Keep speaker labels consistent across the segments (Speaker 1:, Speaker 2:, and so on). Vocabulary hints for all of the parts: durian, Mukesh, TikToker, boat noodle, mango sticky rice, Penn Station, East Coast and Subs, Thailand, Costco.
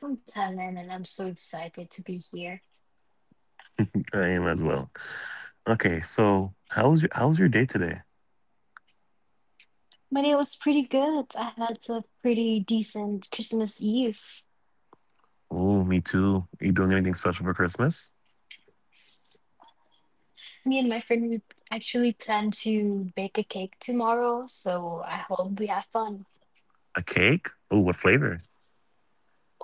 Speaker 1: I'm from Thailand and I'm so excited to be here.
Speaker 2: I am as well. Okay, so how's your day today?
Speaker 1: My day was pretty good. I had a pretty decent Christmas Eve.
Speaker 2: Oh, me too. Are you doing anything special for Christmas?
Speaker 1: Me and my friend we actually plan to bake a cake tomorrow, so I hope we have fun.
Speaker 2: A cake? Oh, what flavor?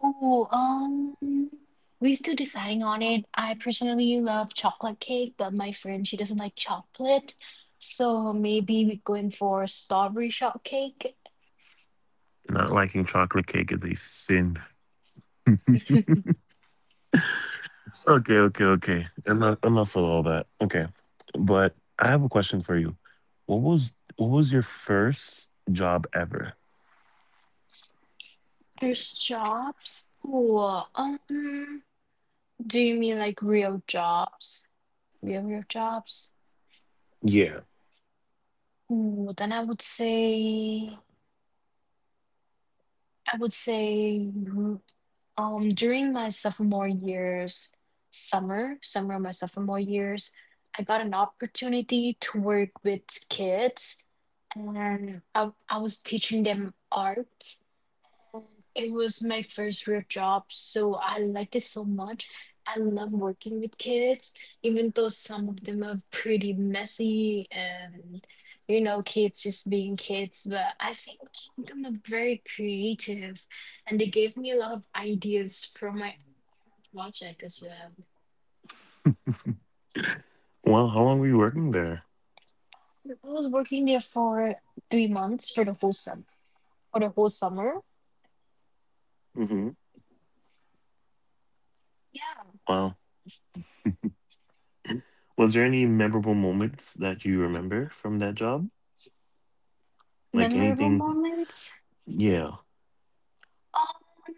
Speaker 1: Oh, we're still deciding on it. I personally love chocolate cake, but my friend she doesn't like chocolate, so maybe we're going for strawberry shortcake.
Speaker 2: Not liking chocolate cake is a sin. Okay, okay, okay. I'm not for all that. Okay, but I have a question for you. What was your first job ever?
Speaker 1: There's jobs. Ooh, Do you mean like real jobs? Real, real jobs?
Speaker 2: Yeah.
Speaker 1: Ooh, then I would say, during my sophomore years, summer of my sophomore years, I got an opportunity to work with kids, and I was teaching them art. It was my first real job, so I liked it so much. I love working with kids, even though some of them are pretty messy and, kids just being kids. But I think them are very creative and they gave me a lot of ideas for my project as well.
Speaker 2: Well, how long were you working there?
Speaker 1: I was working there for 3 months for the whole summer. For the whole summer?
Speaker 2: Hmm.
Speaker 1: Yeah.
Speaker 2: Wow. Was there any memorable moments that you remember from that job? Like
Speaker 1: Memorable
Speaker 2: anything?
Speaker 1: moments?
Speaker 2: Yeah.
Speaker 1: Um.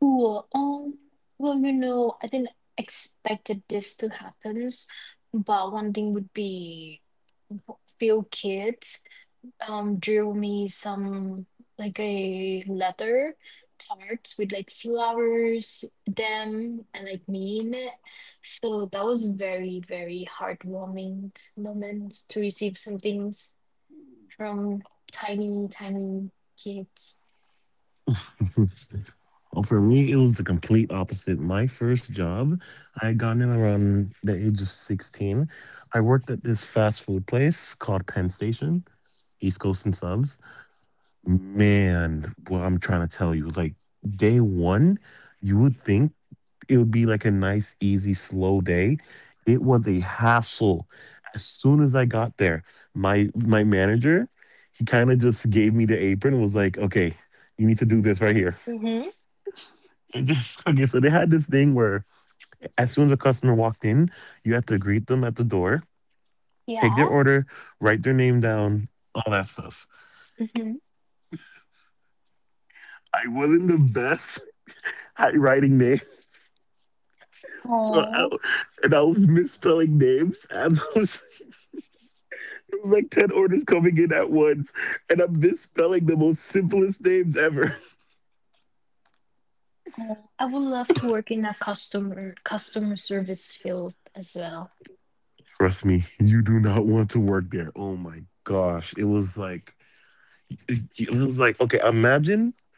Speaker 1: Cool. Well, I didn't expected this to happen, but one thing would be few kids drew me some like a leather cards with like flowers, them and like me in it. So that was very, very heartwarming moment to receive some things from tiny, tiny kids.
Speaker 2: Well, for me, it was the complete opposite. My first job, I got in around the age of 16. I worked at this fast food place called Penn Station, East Coast and Subs. Man, what I'm trying to tell you, like day one, you would think it would be like a nice, easy, slow day. It was a hassle. As soon as I got there, my manager, he kind of just gave me the apron and was like, okay, you need to do this right here.
Speaker 1: Mm-hmm.
Speaker 2: And just okay, so they had this thing where as soon as a customer walked in, you had to greet them at the door,
Speaker 1: Yeah.
Speaker 2: take their order, write their name down, all that stuff.
Speaker 1: Mm-hmm.
Speaker 2: I wasn't the best at writing names. So I, and I was misspelling names. I was, it was like 10 orders coming in at once, and I'm misspelling the most simplest names ever.
Speaker 1: Oh, I would love to work in a customer service field as well.
Speaker 2: Trust me, you do not want to work there. Oh my gosh. It was like, okay, imagine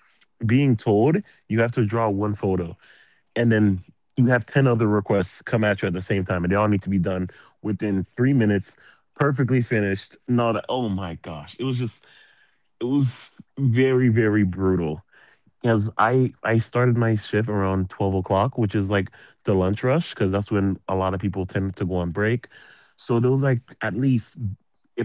Speaker 2: being told you have to draw one photo and then you have 10 other requests come at you at the same time, and they all need to be done within 3 minutes, perfectly finished. And all that. Oh my gosh. It was very, very brutal. Because I started my shift around 12 o'clock, which is like the lunch rush, because that's when a lot of people tend to go on break. So there was like at least,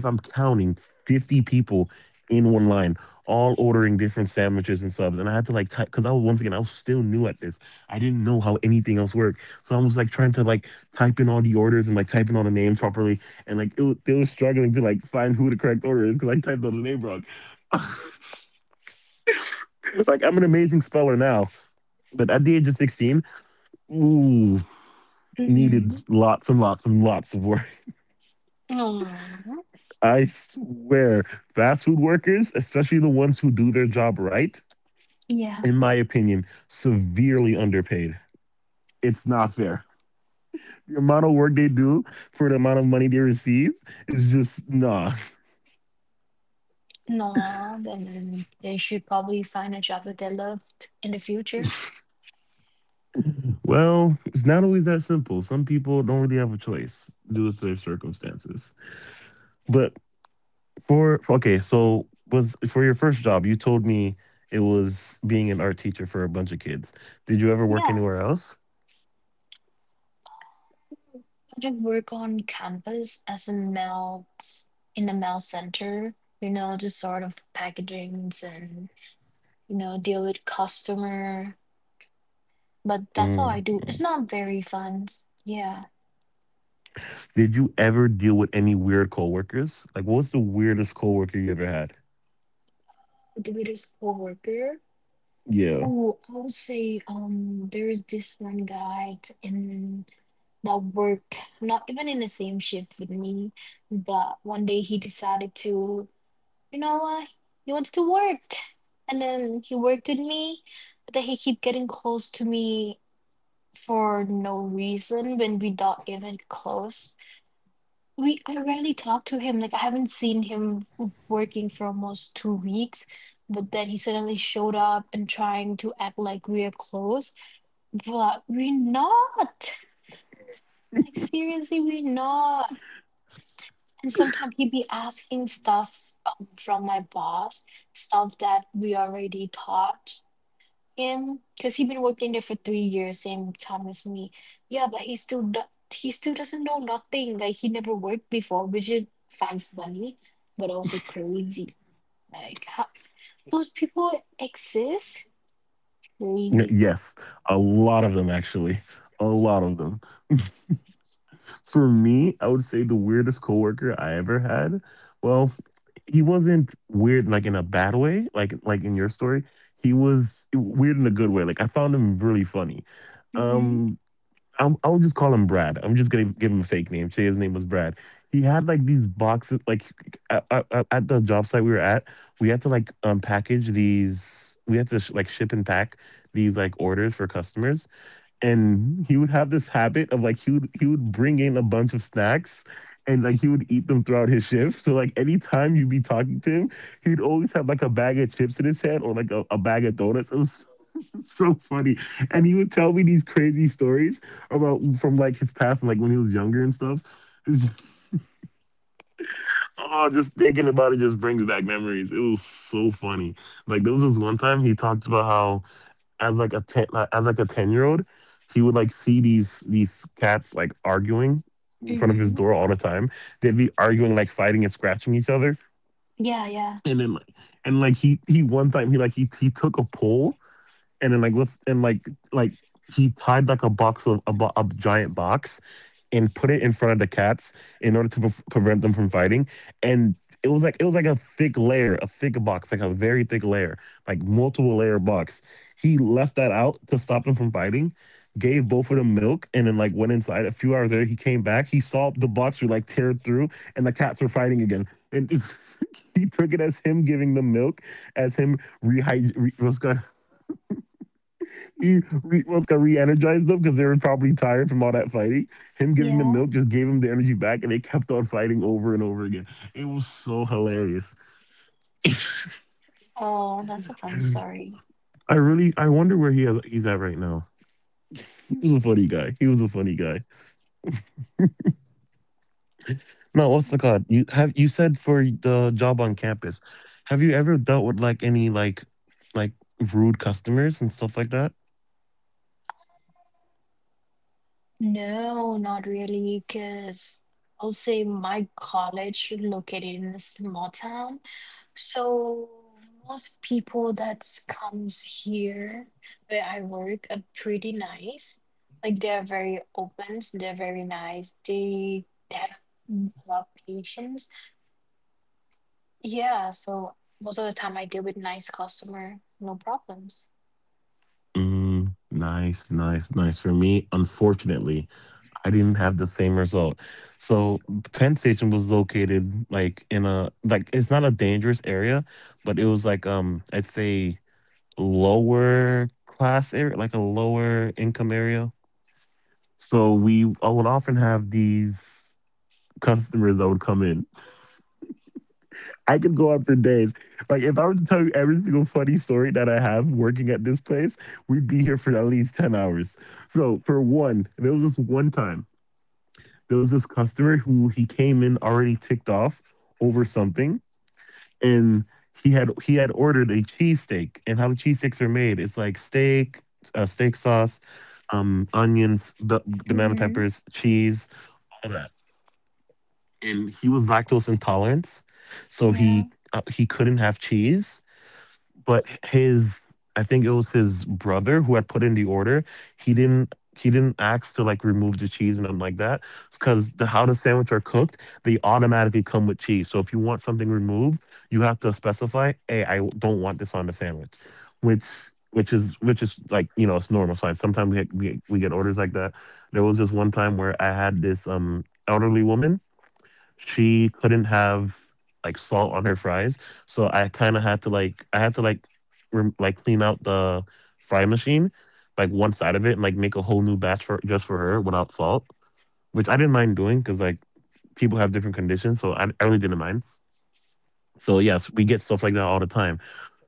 Speaker 2: if I'm counting, 50 people in one line, all ordering different sandwiches and subs. And I had to like type because I was once again I was still new at this. I didn't know how anything else worked, so I was like trying to like type in all the orders and like typing all the names properly, and like they were struggling to like find who the correct order is because I typed all the name wrong. It's like I'm an amazing speller now, but at the age of 16, ooh,
Speaker 1: Mm-hmm.
Speaker 2: needed lots and lots and lots of work.
Speaker 1: Aww.
Speaker 2: I swear, fast food workers, especially the ones who do their job right,
Speaker 1: Yeah.
Speaker 2: in my opinion, severely underpaid. It's not fair. The amount of work they do for the amount of money they receive is just nah.
Speaker 1: No, then they should probably find a job that they loved in the future.
Speaker 2: Well, it's not always that simple. Some people don't really have a choice due to their circumstances. But okay, so was for your first job, you told me it was being an art teacher for a bunch of kids. Did you ever work
Speaker 1: Yeah,
Speaker 2: anywhere else?
Speaker 1: I just work on campus as a mail in the mail center. Just sort of packagings and deal with customer. But that's all I
Speaker 2: Mm.
Speaker 1: do. It's
Speaker 2: Mm.
Speaker 1: not very fun. Yeah,
Speaker 2: Did you ever deal with any weird coworkers? Like, what was the weirdest coworker you ever had?
Speaker 1: I do it as coworker.
Speaker 2: Yeah.
Speaker 1: Oh, I would say there's this one guy in that work, not even in the same shift with me, but one day he decided to, you know what, he wanted to work. And then he worked with me, but then he keep getting close to me for no reason when we not even close. We I rarely talk to him. Like I haven't seen him working for almost 2 weeks, but then he suddenly showed up and trying to act like we're close, but we're not. Like seriously, we're not. And sometimes he'd be asking stuff from my boss, stuff that we already taught him because he's been working there for 3 years, same time as me. Yeah, but he still doesn't know nothing. Like he never worked before, which is fine funny, but also crazy. Like how those people exist? Crazy.
Speaker 2: Yes, a lot of them actually. A lot of them. For me, I would say the weirdest coworker I ever had. Well, he wasn't weird like in a bad way, like in your story. He was weird in a good way. Like I found him really funny.
Speaker 1: Mm-hmm.
Speaker 2: um I'll just call him Brad. I'm just gonna give him a fake name. Say his name was Brad. He had like these boxes, like at the job site we were at, we had to like package these. We had to like ship and pack these like orders for customers, and he would have this habit of like he would bring in a bunch of snacks, and like he would eat them throughout his shift. So like anytime you'd be talking to him, he'd always have like a bag of chips in his hand or like a bag of donuts. It was so funny. And he would tell me these crazy stories about from like his past and like when he was younger and stuff. It's- Oh, just thinking about it just brings back memories. It was so funny. Like there was this one time he talked about how as like a 10-year old, he would like see these cats like arguing in front of
Speaker 1: Mm-hmm.
Speaker 2: his door all the time. They'd be arguing like fighting and scratching each other.
Speaker 1: Yeah, yeah,
Speaker 2: And then like and like he one time he like he took a poll and then like let's and like he tied like a box of a giant box and put it in front of the cats in order to prevent them from fighting, and it was like a thick layer, a thick box, like a very thick layer, like multiple layer box. He left that out to stop them from fighting, gave both of them milk, and then like went inside. A few hours later he came back, he saw the box were like teared through and the cats were fighting again. And he took it as him giving them milk, as him rehydrating. What's good? Well, it's gonna re-energize them because they were probably tired from all that fighting. Him giving them
Speaker 1: yeah.
Speaker 2: milk just gave them the energy back, and they kept on fighting over and over again. It was so hilarious.
Speaker 1: Oh, that's a fun story.
Speaker 2: I wonder where he's at right now. He was a funny guy. He was a funny guy. No, what's the god? You have you said for the job on campus. Have you ever dealt with like any like like rude customers and stuff like that?
Speaker 1: No, not really, because I'll say my college located in a small town. So most people that comes here where I work are pretty nice. Like they're very open, so they're very nice. They have a lot of patience. Yeah, so most of the time I deal with nice customer, no problems.
Speaker 2: Mm, nice, nice, nice. For me, unfortunately. I didn't have the same result. So Penn Station was located like in a like it's not a dangerous area, but it was like I'd say lower class area, like a lower income area. So we I would often have these customers that would come in. I could go on for days. Like if I were to tell you every single funny story that I have working at this place, we'd be here for at least 10 hours. So for one, there was this one time. There was this customer who he came in already ticked off over something, and he had ordered a cheesesteak, and how the cheesesteaks are made, it's like steak, steak sauce, onions, the banana
Speaker 1: Mm-hmm.
Speaker 2: peppers, cheese, all that. And he was lactose intolerant, so
Speaker 1: Yeah.
Speaker 2: he couldn't have cheese, but his, I think it was his brother who had put in the order. He didn't ask to like remove the cheese and nothing like that. It's cause the how the sandwich are cooked, they automatically come with cheese. So if you want something removed, you have to specify, hey, I don't want this on the sandwich. Which which is like, it's normal sign. Sometimes we get orders like that. There was this one time where I had this elderly woman, she couldn't have like salt on her fries, so I kind of had to like I had to like rem- like clean out the fry machine, like one side of it, and like make a whole new batch for just for her without salt, which I didn't mind doing because like people have different conditions, so I really didn't mind. So yes, we get stuff like that all the time.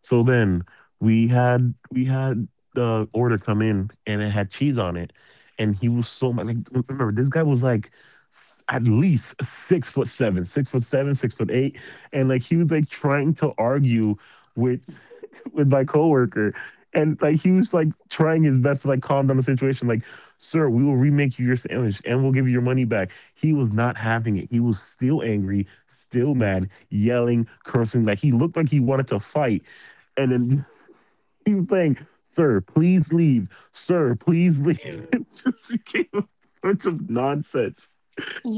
Speaker 2: So then we had the order come in and it had cheese on it, and he was so much like, remember, this guy was like at least 6'7", 6'7", 6'8", and like he was like trying to argue with with my coworker. And like he was like trying his best to like calm down the situation. Like, sir, we will remake you your sandwich and we'll give you your money back. He was not having it. He was still angry, still mad, yelling, cursing. Like he looked like he wanted to fight. And then he was saying, sir, please leave. Sir, please leave. It just became a bunch of nonsense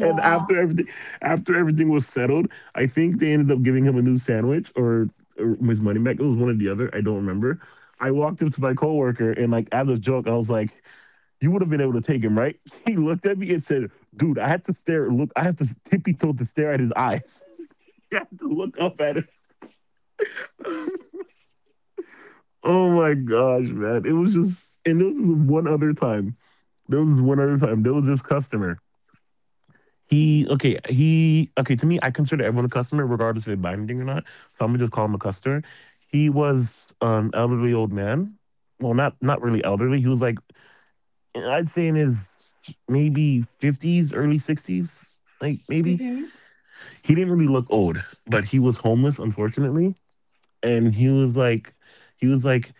Speaker 2: and after everything was settled, I think they ended up giving him a new sandwich or his money back. It was one or the other. I don't remember. I walked up to my coworker and, like, as a joke, I was like, "You would have been able to take him, right?" He looked at me and said, "Dude, I had to stare. Look, I had to tippy toe to stare at his eyes. I had to look up at him." Oh my gosh, man! It was just — and there was one other time. There was this customer. To me, I consider everyone a customer, regardless if they're binding or not. So I'm gonna just call him a customer. He was an elderly old man. Well, not really elderly. He was like, I'd say in his maybe fifties, early sixties, like, maybe.
Speaker 1: Mm-hmm.
Speaker 2: He didn't really look old, but he was homeless, unfortunately, and he was like,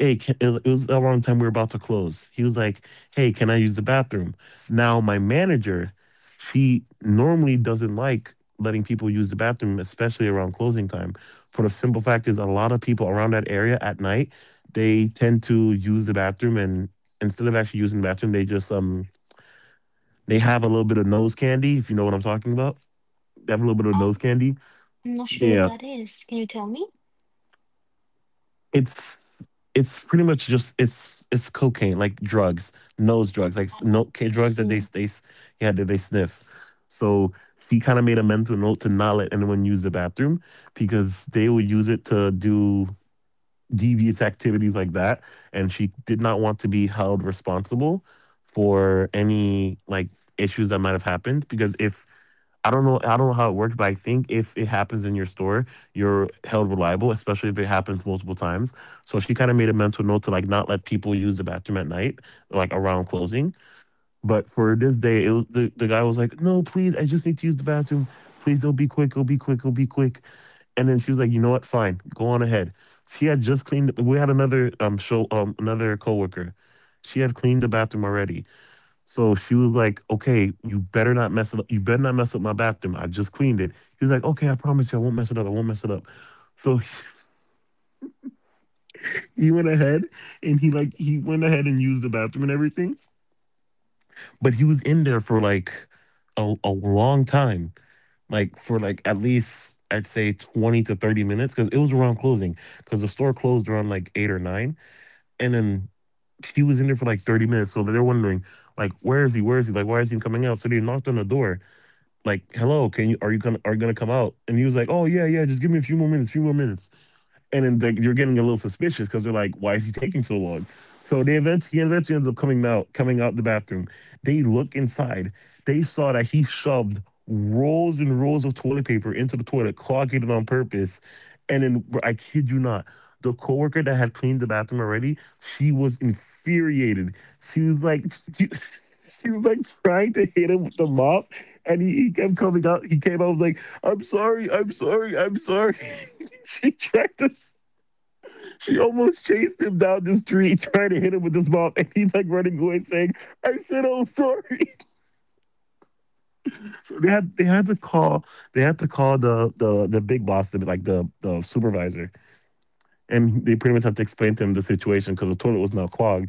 Speaker 2: hey, can, it was around the time we were about to close. He was like, "Hey, can I use the bathroom?" Now my manager, she normally doesn't like letting people use the bathroom, especially around closing time. For the simple fact is, a lot of people around that area at night, they tend to use the bathroom, and instead of actually using the bathroom, they just they have a little bit of nose candy, if you know what I'm talking about. They have a little bit of nose candy.
Speaker 1: I'm not sure what
Speaker 2: Yeah.
Speaker 1: that is. Can you tell me?
Speaker 2: it's it's pretty much just — it's cocaine like drugs, nose drugs, like, no,
Speaker 1: Oh,
Speaker 2: okay,
Speaker 1: I
Speaker 2: drugs that
Speaker 1: see.
Speaker 2: yeah, that they sniff. So she kind of made a mental note to not let anyone use the bathroom because they would use it to do devious activities like that, and she did not want to be held responsible for any, like, issues that might have happened. Because if — I don't know. I don't know how it works, but I think if it happens in your store, you're held reliable, especially if it happens multiple times. So she kind of made a mental note to, like, not let people use the bathroom at night, like around closing. But for this day, it, was- the guy was like, "No, please, I just need to use the bathroom. Please, it'll be quick. It'll be quick. It'll be quick." And then she was like, "You know what? Fine, go on ahead." She had just cleaned. We had another coworker. She had cleaned the bathroom already, so she was like, "Okay, you better not mess it up. You better not mess up my bathroom. I just cleaned it." He was like, "Okay, I promise you, I won't mess it up. I won't mess it up." So, he went ahead he went ahead and used the bathroom and everything, but he was in there for like a long time, like for like at least I'd say 20 to 30 minutes, because it was around closing because the store closed around like eight or nine, and then he was in there for like 30 minutes. So they're wondering like, "Where is he? Where is he? Like, why is he coming out?" So they knocked on the door, like, "Hello, can you are you gonna come out?" And he was like, "Oh, yeah, yeah, just give me a few more minutes, few more minutes." And then they you're getting a little suspicious because they're like, "Why is he taking so long?" So he eventually ends up coming out, the bathroom. They look inside. They saw that he shoved rolls and rolls of toilet paper into the toilet, clogging it on purpose. And then, I kid you not, the coworker that had cleaned the bathroom already, she was infuriated. She was like, she, she was like trying to hit him with the mop, and he kept coming out. He came out, was like, "I'm sorry, I'm sorry, I'm sorry." She tried to. She almost chased him down the street, trying to hit him with his mom, and he's like running away, saying, "I said I'm sorry." So they had to call the big boss, like, the supervisor, and they pretty much have to explain to him the situation because the toilet was now clogged,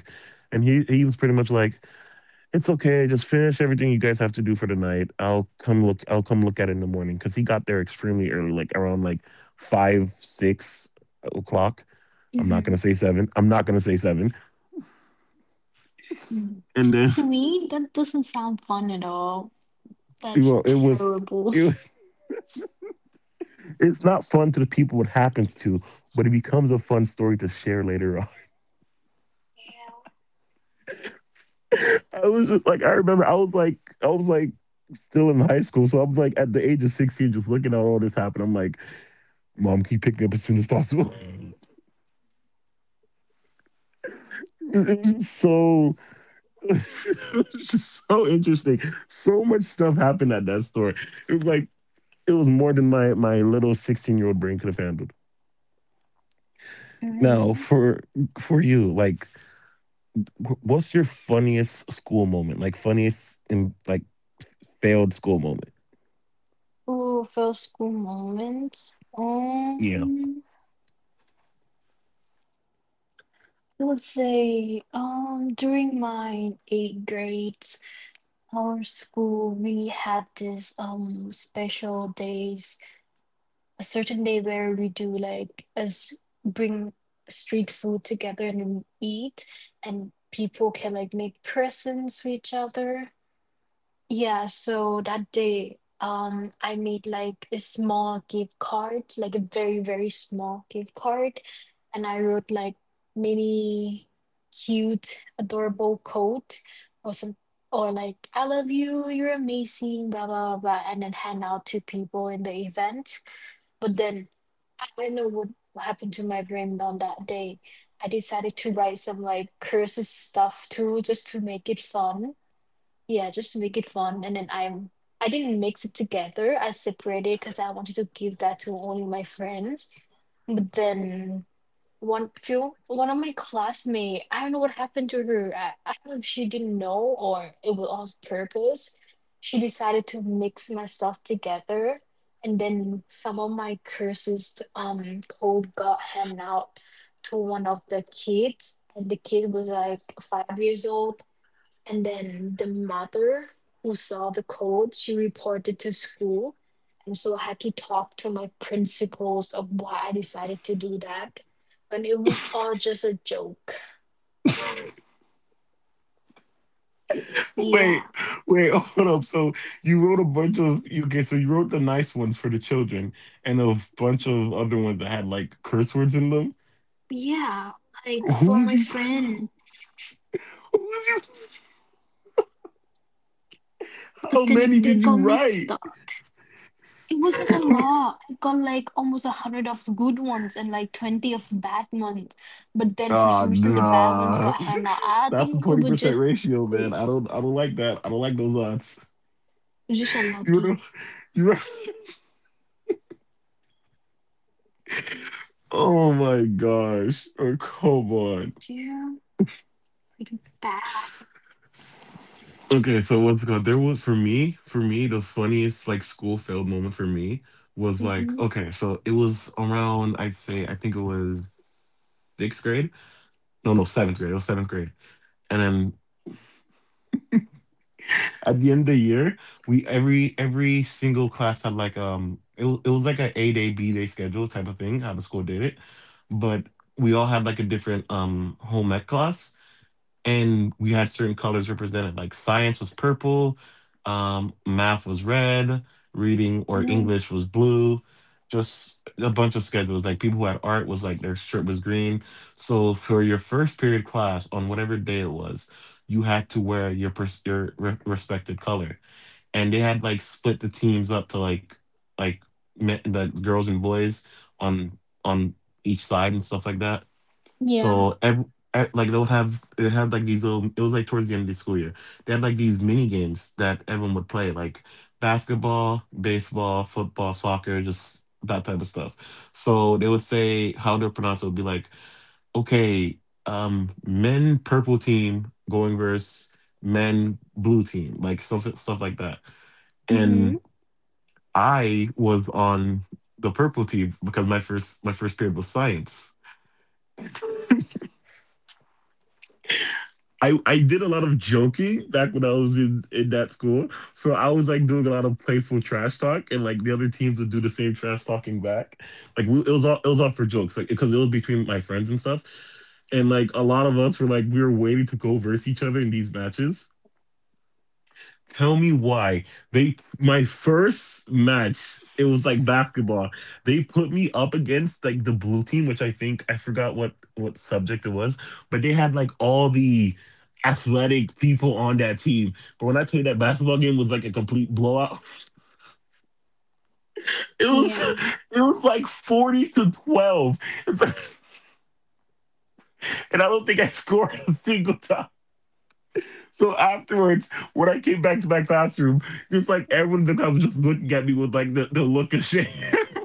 Speaker 2: and he was pretty much like, "It's okay, just finish everything you guys have to do for tonight. I'll come look at it in the morning." Because he got there extremely early, like around like 5, 6 o'clock. I'm not
Speaker 1: Mm-hmm.
Speaker 2: gonna say seven. I'm not gonna say seven.
Speaker 1: Mm.
Speaker 2: And then,
Speaker 1: To me, that doesn't sound fun at all.
Speaker 2: you know,
Speaker 1: That's terrible.
Speaker 2: it was it's not fun to the people it happens to, but it becomes a fun story to share later on.
Speaker 1: Yeah.
Speaker 2: I remember, I was like still in high school, so I was like at the age of 16 just looking at all this happen. I'm like, "Mom, can you pick me up as soon as possible?" It was just so — it was just so interesting. So much stuff happened at that store. It was like — it was more than my little 16-year-old brain could have handled. Now,
Speaker 1: Mm-hmm.
Speaker 2: for you, like, what's your funniest school moment? Like, funniest and like failed school moment?
Speaker 1: Ooh, first school moments.
Speaker 2: Yeah.
Speaker 1: I would say, during my eighth grades, our school we had this special days, a certain day where we do like us bring street food together and we eat, and people can like make presents for each other. Yeah, so that day I made like a small gift card, like a very very small gift card, and I wrote like many cute adorable quote or some or like I love you, you're amazing, blah blah blah blah, and then hand out to people in the event. But then I don't know what happened to my brain on that day. I decided to write some like curses stuff too, just to make it fun. Yeah, just to make it fun. And then I'm I didn't mix it together. I separated because I wanted to give that to only my friends. But then one of my classmate, I don't know what happened to her, I don't know if she didn't know or it was on purpose, she decided to mix my stuff together. And then some of my curses code got handed out to one of the kids, and the kid was like 5 years old. And then the mother who saw the code, she reported to school. And so I had to talk to my principals of why I decided to do that. And it was all just a joke.
Speaker 2: Wait,
Speaker 1: Yeah,
Speaker 2: wait, hold up. So you wrote a bunch of you okay, so you wrote the nice ones for the children and a bunch of other ones that had like curse words in them.
Speaker 1: yeah, like
Speaker 2: Who
Speaker 1: for
Speaker 2: was
Speaker 1: my
Speaker 2: you?
Speaker 1: friend.
Speaker 2: Who was you? How
Speaker 1: But then
Speaker 2: many
Speaker 1: they
Speaker 2: did you
Speaker 1: got mixed
Speaker 2: write?
Speaker 1: up. It wasn't a lot. I got like almost 100 of good ones and like 20 of bad ones. But then for
Speaker 2: Ah,
Speaker 1: some reason the bad ones
Speaker 2: nah.
Speaker 1: got hand out. I
Speaker 2: That's a
Speaker 1: think it
Speaker 2: twenty
Speaker 1: was
Speaker 2: percent
Speaker 1: just
Speaker 2: ratio, man.
Speaker 1: It
Speaker 2: I don't like that. I don't like those odds.
Speaker 1: was just
Speaker 2: You know,
Speaker 1: unlucky.
Speaker 2: you know? Oh my gosh. Oh, come on.
Speaker 1: Yeah. Like Bad.
Speaker 2: Okay, so what's going — there was — for me, the funniest like school failed moment for me was like,
Speaker 1: Mm-hmm.
Speaker 2: okay, so it was around — I'd say I think it was sixth grade. No, no, seventh grade. It was seventh grade. And then at the end of the year, we — every single class had like, it was like a A day, B day schedule type of thing, how the school did it. But we all had like a different, um, home ec class, and we had certain colors represented, like science was purple, um, math was red, reading or
Speaker 1: Mm.
Speaker 2: english was blue, just a bunch of schedules, like people who had art was like their shirt was green. So for your first period class on whatever day it was, you had to wear your respected color, and they had like split the teams up to, like — like men, the girls and boys on — on each side and stuff like that.
Speaker 1: Yeah.
Speaker 2: So ev e, like they'll have it had like these little — it was like towards the end of the school year. They had like these mini games that everyone would play, like basketball, baseball, football, soccer, just that type of stuff. So they would say — how to pronounce it would be like, "Okay, men purple team going versus men blue team," like some stuff like that.
Speaker 1: Mm-hmm.
Speaker 2: And I was on the purple team because my first period was science. I did a lot of joking back when I was in that school. So I was like doing a lot of playful trash talk, and like the other teams would do the same trash talking back. Like, we, it was all for jokes, like, because it was between my friends and stuff. And like a lot of us were like we were waiting to go verse each other in these matches. Tell me why — they my first match, it was like basketball. They put me up against like the blue team, which I think I forgot what subject it was, but they had like all the athletic people on that team. But when I tell you, that basketball game was like a complete blowout, it was —
Speaker 1: Yeah.
Speaker 2: it was like 40-12. It's like, and I don't think I scored a single time. So afterwards, when I came back to my classroom, just like everyone in the class was just looking at me with like the look of shame.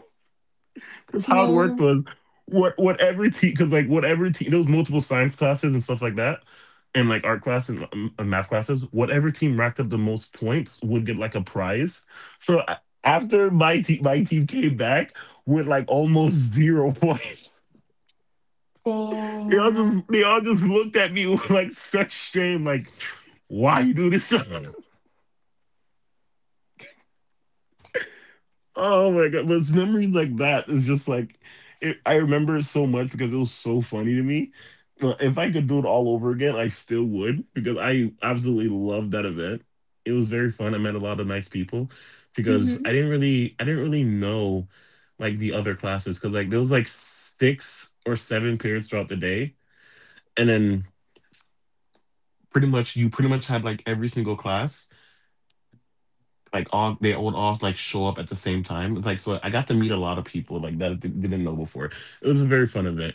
Speaker 2: Because how it worked
Speaker 1: No.
Speaker 2: was — what every team — because like what every team — there was multiple science classes and stuff like that, and like art class and math classes. Whatever team racked up the most points would get like a prize. So a- after my team came back with like almost 0 points. They all
Speaker 1: Damn.
Speaker 2: just they all just looked at me with like such shame, like why you do this? Oh my God, but it's memory like that is just like it, I remember it so much because it was so funny to me. Well, if I could do it all over again, I still would because I absolutely loved that event. It was very fun. I met a lot of nice people because I
Speaker 1: Mm-hmm.
Speaker 2: didn't really I didn't really know like the other classes because like there was like six or seven periods throughout the day, and then pretty much had like every single class like all they would all like show up at the same time. It's like so I got to meet a lot of people like that I didn't know before. It was a very fun event.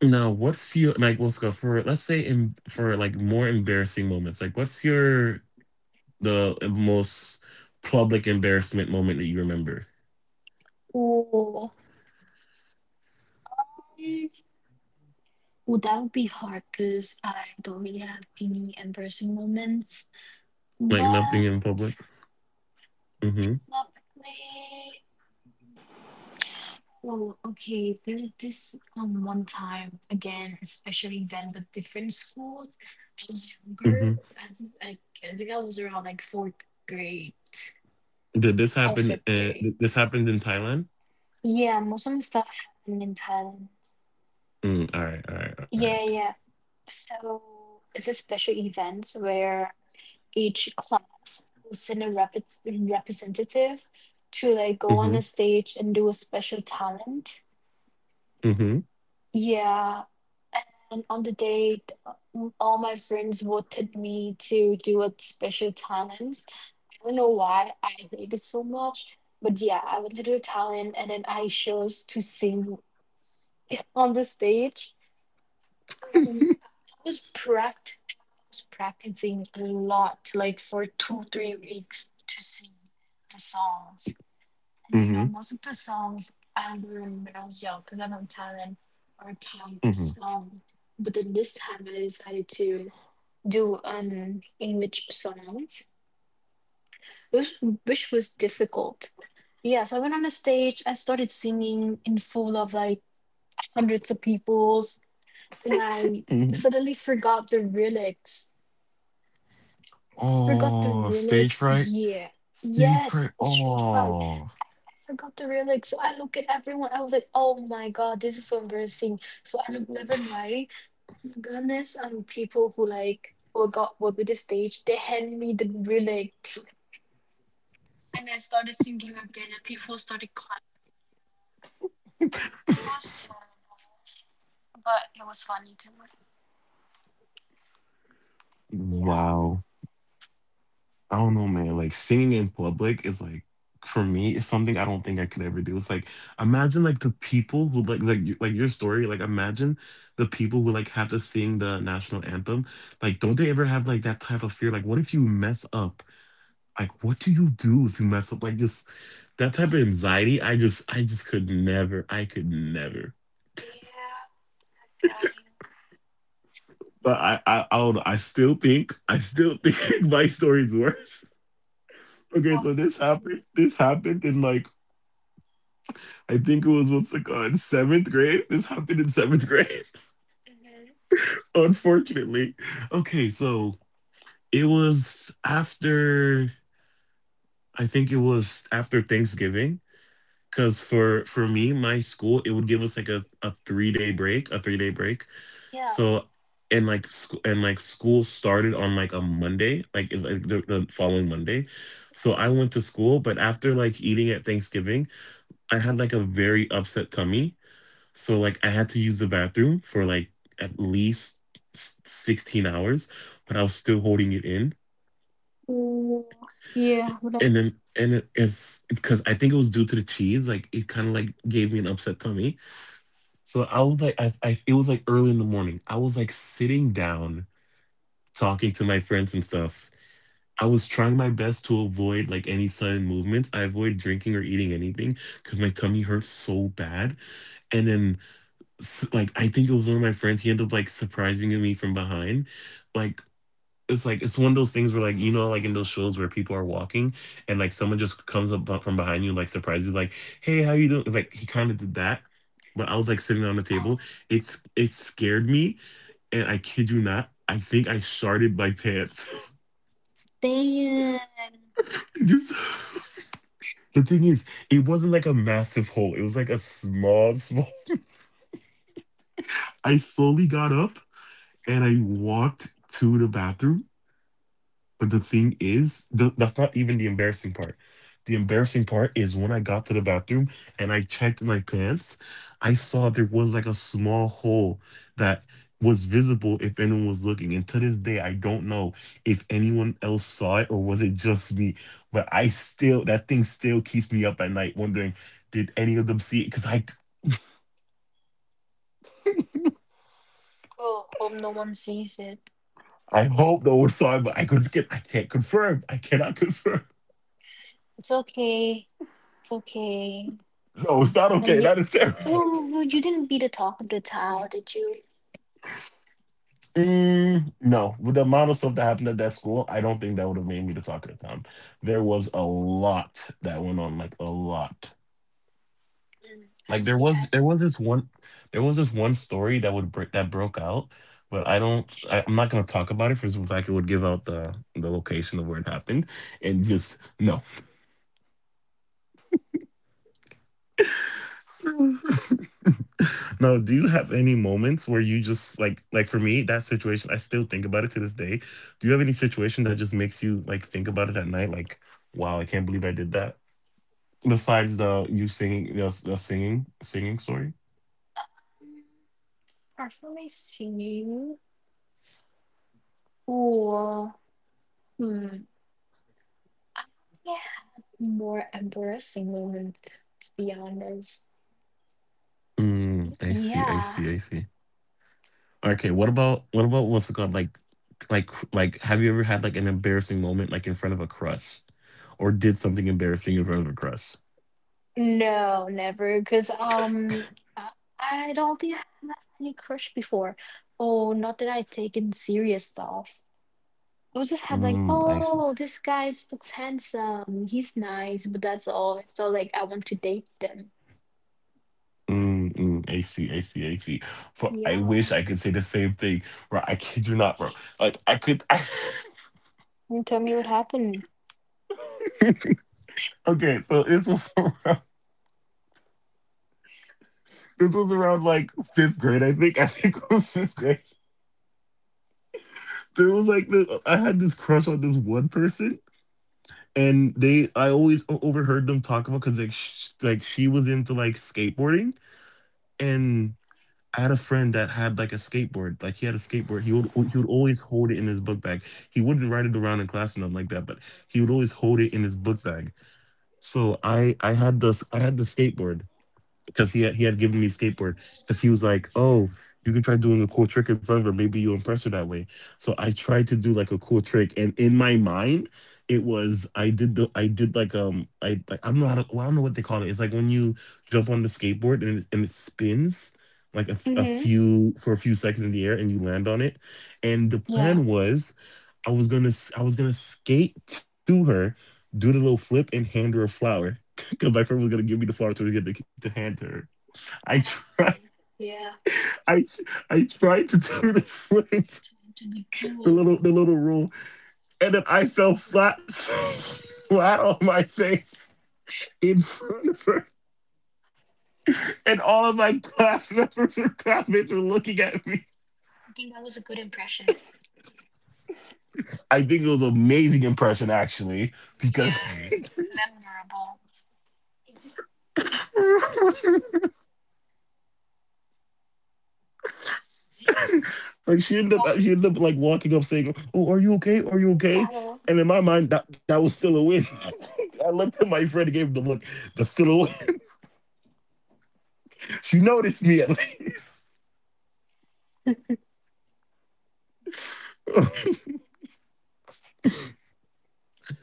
Speaker 2: Now, what's your like? Let's go for let's say in for like more embarrassing moments. Like, what's your the most public embarrassment moment that you remember?
Speaker 1: Oh. Mm, Well, that would be hard because I don't really have any embarrassing moments.
Speaker 2: Like nothing
Speaker 1: But
Speaker 2: in public. Hmm.
Speaker 1: topically, oh, okay. There was this one time again, a special event with different schools. I was
Speaker 2: Hmm.
Speaker 1: younger. I was like I think I was around like fourth grade
Speaker 2: Did this
Speaker 1: or
Speaker 2: happen?
Speaker 1: fifth grade.
Speaker 2: This happened in Thailand.
Speaker 1: Yeah, most of my stuff happened in Thailand.
Speaker 2: Mm, all right. All right. All right.
Speaker 1: Yeah, yeah. So it's a special events where each class will send a representative to like go
Speaker 2: Mm-hmm.
Speaker 1: on a stage and do a special talent.
Speaker 2: Mm-hmm.
Speaker 1: Yeah. And on the day, all my friends voted me to do a special talent. I don't know why I hate it so much, but yeah, I went to do a talent and then I chose to sing on the stage. Um, was pract- I was practicing a lot, like for 2, 3 weeks to sing the songs. And
Speaker 2: Mm-hmm.
Speaker 1: most of the songs I learned when I was young, because I'm from Thailand, are Thai
Speaker 2: Mm-hmm.
Speaker 1: songs. But then this time I decided to do an English songs, which, which was difficult. Yeah, so I went on the stage, I started singing in full of like hundreds of peoples, and I
Speaker 2: Hmm.
Speaker 1: suddenly forgot the lyrics.
Speaker 2: Oh, stage fright.
Speaker 1: Yeah. Yes,
Speaker 2: Secret.
Speaker 1: Street Fight.
Speaker 2: Oh,
Speaker 1: I forgot the lyrics. So I look at everyone. I was like, oh my god, this is so embarrassing. So I look left and right. Goodness, people who like who got were with the stage, they hand me the lyrics. And I started singing again and people started clapping. It was terrible. But it was funny too. Yeah.
Speaker 2: wow. I don't know, man. Like singing in public is like, for me, is something I don't think I could ever do. It's like imagine like the people who like your story. Like imagine the people who like have to sing the national anthem. Like don't they ever have like that type of fear? Like what if you mess up? Like what do you do if you mess up? Like just that type of anxiety. I just could never. I could never.
Speaker 1: Yeah. I feel you.
Speaker 2: But I don't know. I still think my story's worse. Okay, so
Speaker 1: What?
Speaker 2: this happened. This happened in like I think it was what's it called seventh grade. This happened in seventh grade.
Speaker 1: Mhm.
Speaker 2: Unfortunately, okay, so it was after I think it was after Thanksgiving because for me, my school it would give us like a 3-day break, a 3-day break.
Speaker 1: Yeah.
Speaker 2: So and like school started on like a Monday, like, the following Monday. So I went to school, but after like eating at Thanksgiving. I had like a very upset tummy. So like I had to use the bathroom for like at least 16 hours, but I was still holding it in.
Speaker 1: Mm, Yeah. But
Speaker 2: And it is because I think it was due to the cheese, like it kind of like gave me an upset tummy. So I was like I, it was like early in the morning. I was like sitting down talking to my friends and stuff. I was trying my best to avoid like any sudden movements. I avoid drinking or eating anything because my tummy hurts so bad. And then like I think it was one of my friends. He ended up like surprising me from behind. Like like it's one of those things where like you know like in those shows where people are walking and like someone just comes up from behind you like surprises you, like hey how you doing, like he kind of did that, but I was like sitting on the
Speaker 1: I-
Speaker 2: table. It scared me, and I kid you not, I think I sharted my pants.
Speaker 1: Damn!
Speaker 2: It just the thing is it wasn't like a massive hole, it was like a small small. I slowly got up and I walked to the bathroom. But the thing is, that's not even the embarrassing part. The embarrassing part is when I got to the bathroom and I checked my pants, I saw there was like a small hole that was visible if anyone was looking. And to this day, I don't know if anyone else saw it or was it just me. But I still, that thing still keeps me up at night wondering, did any of them see it? Because I,
Speaker 1: Oh, hope no one sees it.
Speaker 2: I hope no one saw it, but I could, I can't confirm. I cannot confirm.
Speaker 1: It's okay. It's okay.
Speaker 2: No, it's not
Speaker 1: And
Speaker 2: okay.
Speaker 1: the
Speaker 2: That is terrible.
Speaker 1: oh, well, you didn't be the talk of the town, did you?
Speaker 2: Mm, no, with the amount of stuff that happened at that school, I don't think that would have made me the talk of the town. There was a lot that went on, like a lot.
Speaker 1: Mm, I
Speaker 2: Like
Speaker 1: see. I
Speaker 2: there
Speaker 1: see.
Speaker 2: was this one there was this one story that would break that broke out, but I don't I, I'm not gonna talk about it for the fact it would give out the location of where it happened and just no. No, do you have any moments where you just like for me that situation I still think about it to this day. Do you have any situation that just makes you like think about it at night like wow, I can't believe I did that? Besides the you singing the singing story?
Speaker 1: Mm, Personally, see. Or hmm, I yeah, more embarrassing moment to be honest.
Speaker 2: Mm,
Speaker 1: Y-
Speaker 2: I see, I
Speaker 1: Yeah.
Speaker 2: see, I see. Okay, what about what's it called, like have you ever had like an embarrassing moment like in front of a crush or did something embarrassing in front of a crush?
Speaker 1: No, never. Cause I I don't think I had any crush before. Oh, not that I taken serious stuff. I was just had like,
Speaker 2: Mm, I see.
Speaker 1: oh, this guy looks handsome. He's nice, but that's all. So like, I want to date them.
Speaker 2: Mm, mm, AC, AC, AC. For I
Speaker 1: Yeah.
Speaker 2: wish I could say the same thing, bro. I kid you not, bro. Like I could.
Speaker 1: And tell me what happened.
Speaker 2: Okay, so this was around, this was around like fifth grade, I think. I think it was fifth grade. There was like this. I had this crush on this one person, and they. I always overheard them talk about because like like she was into like skateboarding, and. I had a friend that had like a skateboard. Like he had a skateboard. He would always hold it in his book bag. He wouldn't ride it around in class or nothing like that, but he would always hold it in his book bag. So I had the skateboard because he had given me a skateboard because he was like, "Oh, you can try doing a cool trick in front of her. Maybe you impress her that way." So I tried to do like a cool trick, and in my mind, it was I did like I like I don't know how to, well, I don't know what they call it. It's like when you jump on the skateboard and it spins like a, f- a
Speaker 1: Mm-hmm.
Speaker 2: few for a few seconds in the air and you land on it. And the plan
Speaker 1: Yeah.
Speaker 2: was I was gonna skate to her. Do the little flip and hand her a flower because my friend was gonna give me the flower to to hand to her. I
Speaker 1: Um,
Speaker 2: tried,
Speaker 1: yeah.
Speaker 2: I I tried to do the flip,
Speaker 1: Trying to be
Speaker 2: the
Speaker 1: cool.
Speaker 2: little the little rule, and then I fell flat, flat on my face in front of her, and all of my class members or classmates were looking at me.
Speaker 1: I think that was a good impression.
Speaker 2: I think it was an amazing impression actually, because
Speaker 1: Yeah, memorable.
Speaker 2: like she ended up
Speaker 1: What?
Speaker 2: she ended up like walking up saying, "Oh, are you okay? Are you okay?"
Speaker 1: Uh,
Speaker 2: And in my mind, that was still a win. I looked at my friend and gave him the look. That's still a win. She noticed me at least.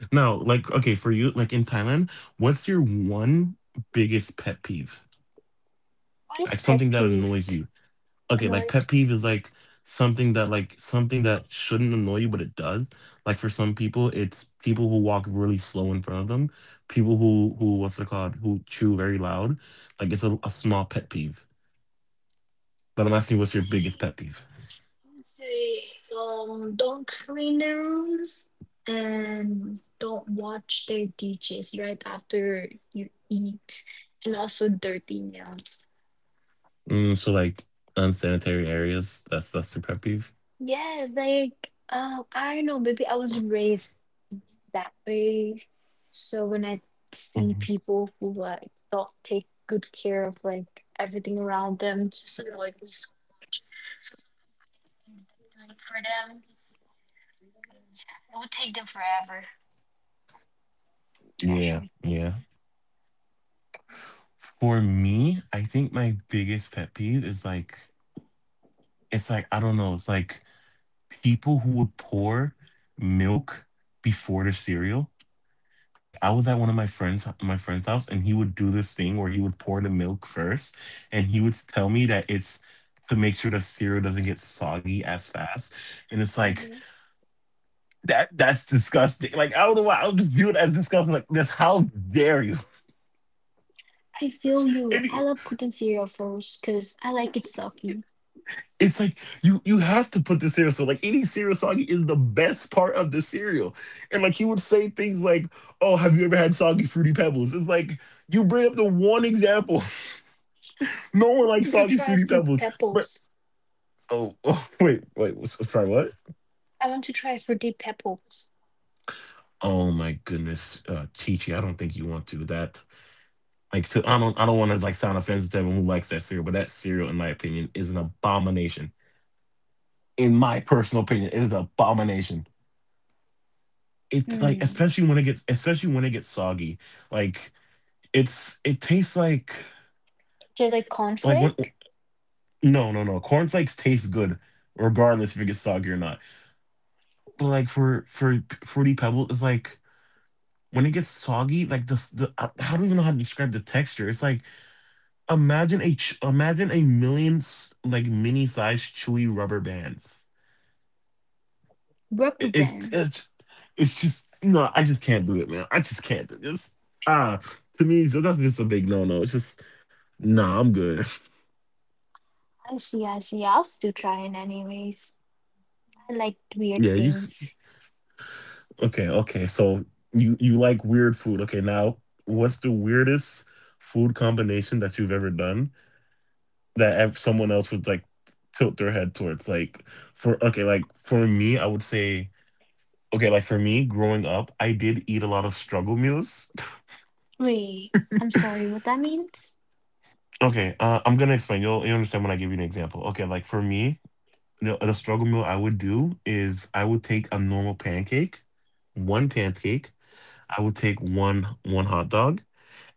Speaker 2: No, like okay, for you, like in Thailand, what's your one biggest pet peeve?
Speaker 1: What is
Speaker 2: Like something
Speaker 1: pet
Speaker 2: that annoys
Speaker 1: peeved?
Speaker 2: you. Okay, like
Speaker 1: Annoyed
Speaker 2: pet
Speaker 1: me.
Speaker 2: peeve is like something that shouldn't annoy you, but it does. Like for some people, it's people who walk really slow in front of them, people who what's it called, who chew very loud. Like it's a small pet peeve. But I'm
Speaker 1: I'd
Speaker 2: asking, what's your biggest
Speaker 1: Say.
Speaker 2: pet peeve?
Speaker 1: say um don't clean their rooms, and don't watch their dishes right after you eat, and also dirty nails.
Speaker 2: Mm, so like unsanitary areas. That's your pet peeve.
Speaker 1: Yes, like I don't know, maybe I was raised that way. So when I see
Speaker 2: Mhm.
Speaker 1: people who like don't take good care of like everything around them, just annoyed me so much. So sometimes I ended up doing it for them because it would take them forever to
Speaker 2: Yeah,
Speaker 1: actually
Speaker 2: yeah.
Speaker 1: clean.
Speaker 2: For me, I think my biggest pet peeve is like, it's like, I don't know, it's like people who would pour milk before the cereal. Like I was at one of my friend's house and he would do this thing where he would pour the milk first and he would tell me that it's to make sure the cereal doesn't get soggy as fast. And it's like
Speaker 1: Mhm.
Speaker 2: that's disgusting. Like I don't know why I'll just view it as disgusting. Like this how dare you?
Speaker 1: I feel you.
Speaker 2: And
Speaker 1: I love cooking cereal first because I like it soggy.
Speaker 2: it's like you have to put the cereal. So like eating cereal soggy is the best part of the cereal. And like he would say things like, "Oh, have you ever had soggy fruity pebbles?" It's like you bring up the one example. No
Speaker 1: I
Speaker 2: one likes
Speaker 1: wanted to
Speaker 2: soggy
Speaker 1: try
Speaker 2: fruity
Speaker 1: fruit
Speaker 2: pebbles. But
Speaker 1: pebbles.
Speaker 2: oh, wait, wait, sorry, what?
Speaker 1: I want to try fruity pebbles.
Speaker 2: Oh my goodness, Chichi, I don't think you want to that. Like, to, I don't want to like sound offensive to everyone who likes that cereal, but that cereal, in my opinion, is an abomination. In my personal opinion, it is an abomination. It's like
Speaker 1: Hmm.
Speaker 2: especially when it gets soggy, like it tastes like.
Speaker 1: Do you like
Speaker 2: Like when
Speaker 1: cornflake?
Speaker 2: no no no, cornflakes taste good regardless if it gets soggy or not. But like for fruity pebble, it's like when it gets soggy, like the, s- the I don't even know how to describe the texture. It's like imagine imagine a million like mini sized chewy rubber bands.
Speaker 1: Rubber
Speaker 2: It- It's
Speaker 1: band.
Speaker 2: it's it's just no. I just can't do it, man. I just can't do this. Ah, to me, it's just, that's just a big no no. It's just nah. I'm good.
Speaker 1: I see, I see. I'll still try it anyways. I like weird
Speaker 2: Yeah,
Speaker 1: things.
Speaker 2: okay? Okay, so you like weird food? Okay, now what's the weirdest food combination that you've ever done that someone else would like tilt their head towards? Like for okay, like for me, I would say okay, like for me, growing up, I did eat a lot of struggle meals.
Speaker 1: Wait, I'm sorry, what that means?
Speaker 2: Okay, I'm gonna explain. You will understand when I give you an example. Okay, like for me, the struggle meal I would do is I would take a normal pancake, one pancake, I would take one hot dog,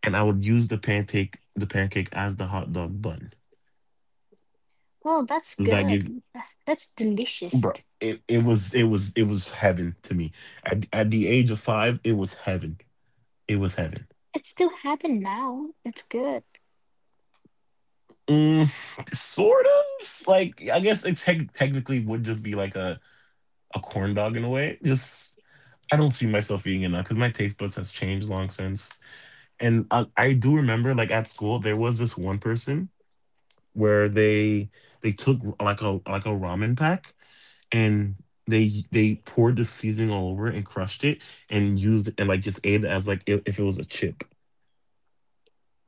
Speaker 2: and I would use the pancake as the hot dog bun.
Speaker 1: Well, that's
Speaker 2: Does that give,
Speaker 1: good. That's delicious.
Speaker 2: bro? It was heaven to me. At the age of five, it was heaven. It was heaven.
Speaker 1: It's still happened now. It's good.
Speaker 2: Mm, sort of like I guess it technically would just be like a corn dog in a way. Just I don't see myself eating it now because my taste buds has changed long since. And I do remember like at school there was this one person where they took like a ramen pack and they poured the seasoning all over it and crushed it and used it and like just ate it as like if it was a chip.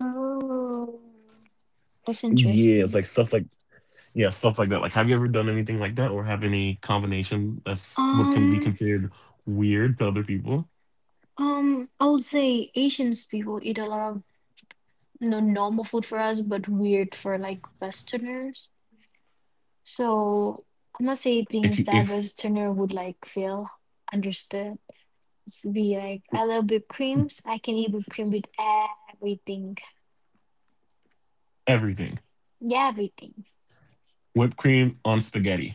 Speaker 1: Oh, that's
Speaker 2: Yeah, it's like
Speaker 1: interesting.
Speaker 2: stuff like, yeah, stuff like that. Like, have you ever done anything like that or have any combination that's what can be
Speaker 1: Um,
Speaker 2: considered weird to other people?
Speaker 1: I would say Asians people eat a lot of normal food for us, but weird for like Westerners. So I'm not saying
Speaker 2: If you
Speaker 1: things
Speaker 2: if
Speaker 1: that Westerner would like feel understood. It's be like I love whipped creams. I can eat whipped cream with everything.
Speaker 2: everything,
Speaker 1: Yeah, everything.
Speaker 2: whipped cream on spaghetti.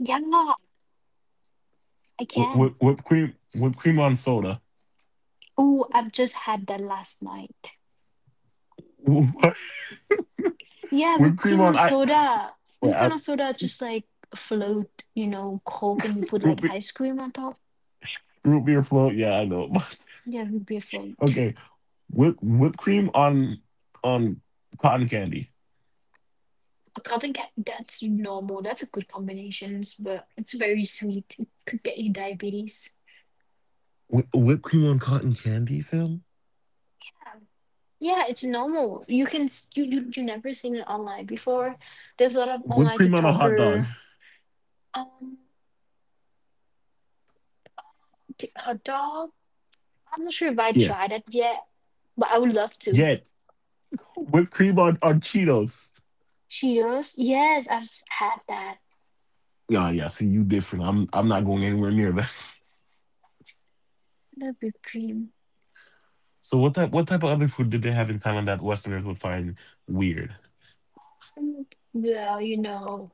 Speaker 1: Yeah, I
Speaker 2: Wh-
Speaker 1: can.
Speaker 2: wh- whipped cream whipped cream on soda.
Speaker 1: Oh, I've just had that last night. Yeah,
Speaker 2: Whipped
Speaker 1: whipped
Speaker 2: cream
Speaker 1: cream
Speaker 2: on
Speaker 1: on
Speaker 2: ice.
Speaker 1: soda.
Speaker 2: Wait,
Speaker 1: Whipped cream
Speaker 2: I,
Speaker 1: on soda, just like float, Coke, and you put
Speaker 2: root
Speaker 1: like
Speaker 2: beer,
Speaker 1: ice cream on top.
Speaker 2: root beer float. Yeah, I know.
Speaker 1: Yeah, beautiful. Would be a food.
Speaker 2: Okay, whipped cream on cotton candy.
Speaker 1: Cat that's normal. That's a good combinations, but it's very sweet. It could get you diabetes.
Speaker 2: Whipped cream on cotton candy, Sam.
Speaker 1: Yeah, it's normal. You can s- you never seen it online before. There's a lot of
Speaker 2: Whipped
Speaker 1: online
Speaker 2: cream on a hot dog.
Speaker 1: TikToker. Um, Her dog. I'm not sure if I
Speaker 2: Yeah,
Speaker 1: tried it yet, but I would love to.
Speaker 2: yeah. Whipped cream on Cheetos.
Speaker 1: Cheers. Yes, had that.
Speaker 2: Yeah, yeah. See, you different. I'm not going anywhere near that.
Speaker 1: The whipped cream.
Speaker 2: So what type of other food did they have in Thailand that Westerners would find weird?
Speaker 1: Mm, well,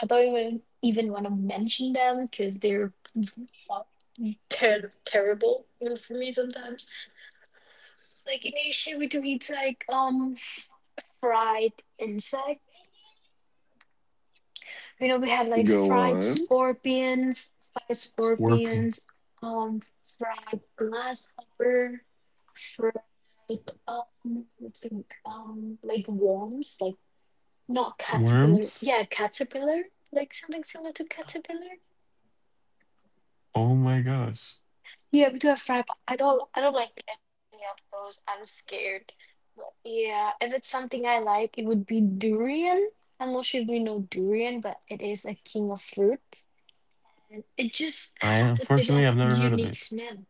Speaker 1: I don't even want to mention them because they're terrible for me sometimes. Like in Asia, we do eat like fried insect. You know, we had like
Speaker 2: Go
Speaker 1: fried
Speaker 2: on.
Speaker 1: scorpions, fried
Speaker 2: Scorpion
Speaker 1: scorpions, um, fried grasshopper, fried I think like worms, like not caterpillar.
Speaker 2: worms.
Speaker 1: Yeah, caterpillar, like something similar to caterpillar.
Speaker 2: Oh my gosh.
Speaker 1: Yeah, we do have fry. But I don't. I don't like any of those. I'm scared. But yeah, if it's something I like, it would be durian. I'm not sure if you know durian, but it is a king of fruits. And it just
Speaker 2: I
Speaker 1: has a bit
Speaker 2: unfortunately
Speaker 1: of
Speaker 2: I've never heard of
Speaker 1: unique
Speaker 2: it.
Speaker 1: smell.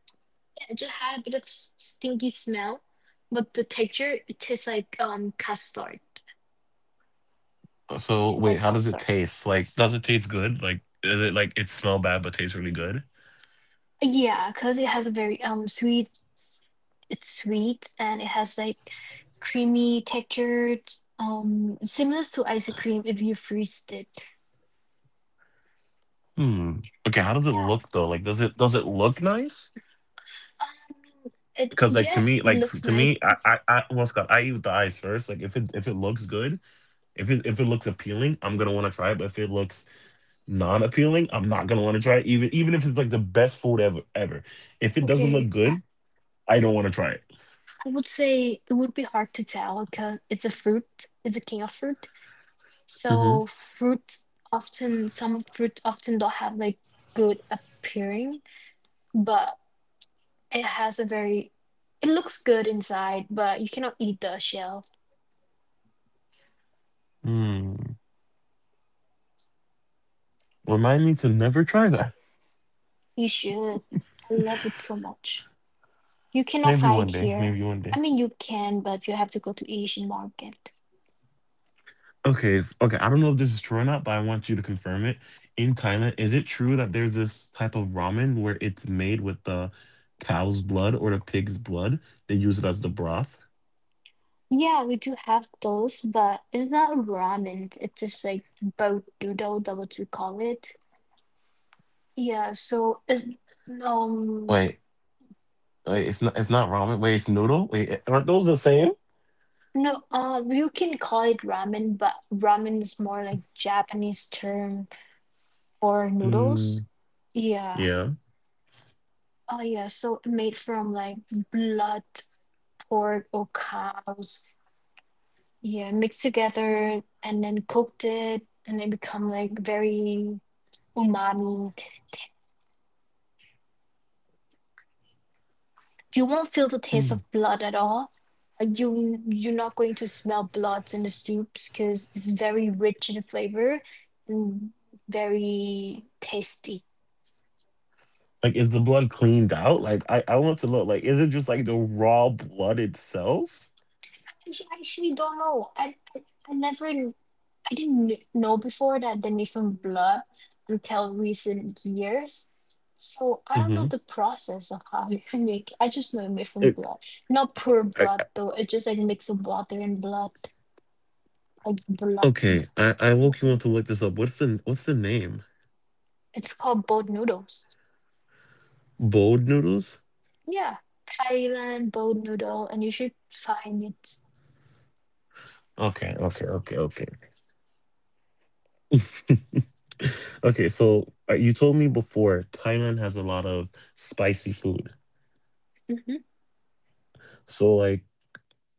Speaker 1: Yeah, it just had a bit of stinky smell, but the texture it tastes like custard.
Speaker 2: So
Speaker 1: It's
Speaker 2: wait,
Speaker 1: like
Speaker 2: how does it
Speaker 1: custard.
Speaker 2: taste? Like, does it taste good? Like, is it like it smell bad but tastes really good?
Speaker 1: Yeah, because it has a very sweet. s- It's sweet and it has like creamy texture, similar to ice cream if you freeze it.
Speaker 2: Hmm. Okay, how does it look
Speaker 1: Yeah.
Speaker 2: though? Like, does it look nice?
Speaker 1: It
Speaker 2: Because like to me,
Speaker 1: Yes, it
Speaker 2: like
Speaker 1: looks
Speaker 2: to
Speaker 1: nice.
Speaker 2: me, I what's called I eat with the eyes first. Like if it looks good, if it looks appealing, I'm gonna want to try it. But if it looks non appealing, I'm not gonna want to try it. Even if it's like the best food ever ever, if it doesn't look
Speaker 1: Okay,
Speaker 2: good,
Speaker 1: I,
Speaker 2: I don't want to try it.
Speaker 1: I would say it would be hard to tell because it's a fruit. It's a king of fruit.
Speaker 2: Mm-hmm.
Speaker 1: So fruit often some fruit often don't have like good appearing, but it has it looks good inside, but you cannot eat the shell.
Speaker 2: Hmm. Remind me to never try that.
Speaker 1: You should. I love it so much. You cannot
Speaker 2: Maybe one
Speaker 1: find
Speaker 2: day. Maybe
Speaker 1: here.
Speaker 2: one day.
Speaker 1: I mean, you can, but you have to go to Asian market.
Speaker 2: Okay, it's- okay. I don't know if this is true or not, but I want you to confirm it. In Thailand, is it true that there's this type of ramen where it's made with the cow's blood or the pig's blood? They use it as the broth.
Speaker 1: Yeah, we do have those, but it's not ramen. It's just like boat noodle, that's what we call it. Yeah, so it's um
Speaker 2: Wait, wait. It's not. It's not ramen. Wait, it's noodle. Wait, aren't those the same?
Speaker 1: no, you can call it ramen, but ramen is more like Japanese term for noodles.
Speaker 2: Mm,
Speaker 1: Yeah.
Speaker 2: yeah.
Speaker 1: Oh yeah, so made from like blood, pork or cows. Yeah, mixed together and then cooked it and they become like very umami. T- You won't feel the taste
Speaker 2: Mm.
Speaker 1: of blood at all. Like you're not going to smell blood in the soups because it's very rich in flavor and very tasty.
Speaker 2: Like, is the blood cleaned out? Like, I want to look. Like, is it just like the raw blood itself?
Speaker 1: I actually don't know. I never I didn't know before that they made from blood until recent years. So I don't know
Speaker 2: Mm-hmm.
Speaker 1: the process of how you make it. I just know it made from
Speaker 2: It,
Speaker 1: blood, not pure
Speaker 2: I,
Speaker 1: blood
Speaker 2: I-
Speaker 1: though. It just like mix of water and blood, like blood.
Speaker 2: okay, I
Speaker 1: Blood
Speaker 2: look. You want
Speaker 1: and
Speaker 2: to look
Speaker 1: blood.
Speaker 2: this up? What's the name?
Speaker 1: It's called boat noodles.
Speaker 2: Bold noodles.
Speaker 1: Yeah, Thailand boat noodle, and you should find it.
Speaker 2: Okay, okay, okay, okay. Okay, so you told me before Thailand has a lot of spicy food.
Speaker 1: Hmm.
Speaker 2: So, like,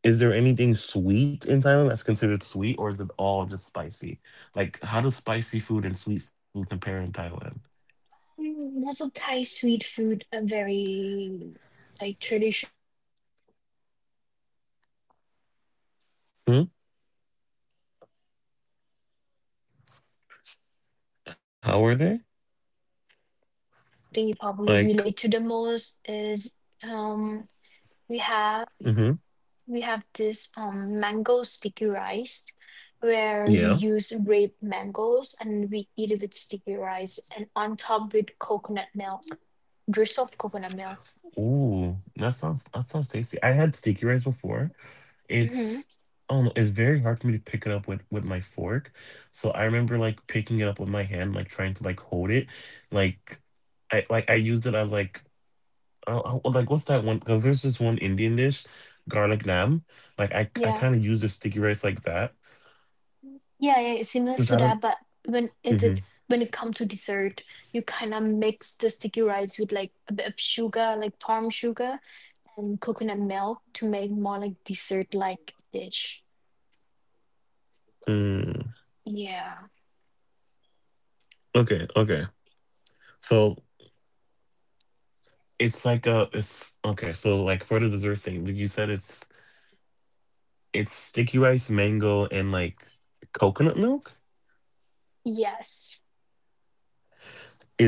Speaker 2: is there anything sweet in Thailand that's considered sweet, or is it all just spicy? Like, how does spicy food and sweet food compare in Thailand?
Speaker 1: Mm, also, Thai sweet food, a very like traditional dessert. But we have, you know.
Speaker 2: Hmm?
Speaker 1: Hmm. What you said, if I'm gonna say something that would be very
Speaker 2: How are
Speaker 1: unique
Speaker 2: they?
Speaker 1: dessert and it's something you probably
Speaker 2: Like,
Speaker 1: relate to the most is um we have
Speaker 2: mm-hmm.
Speaker 1: we have this mango sticky rice where we
Speaker 2: Yeah.
Speaker 1: use ripe mangoes and we eat it with sticky rice and on top with coconut milk, drizzle of coconut milk.
Speaker 2: Ooh, that sounds tasty. I had sticky rice before,
Speaker 1: Hmm.
Speaker 2: it's oh, it's very hard for me to pick it up with my fork. So I remember like picking it up with my hand, like trying to like hold it, like like I used it as like what's that one, because there's this one Indian dish, garlic naan, like I
Speaker 1: Yeah.
Speaker 2: kind of use the sticky rice like that,
Speaker 1: Yeah, yeah, it's similar to
Speaker 2: which I
Speaker 1: that,
Speaker 2: don't.
Speaker 1: but when it it
Speaker 2: Hmm.
Speaker 1: when it comes to dessert, you kind of mix the sticky rice with like a bit of sugar, like palm sugar and coconut milk to make more like dessert-like dish.
Speaker 2: Mm.
Speaker 1: Yeah.
Speaker 2: Okay, okay, so it's like a, it's okay, so like for the dessert thing, like, you said it's sticky rice, mango, and like coconut milk.
Speaker 1: Yes.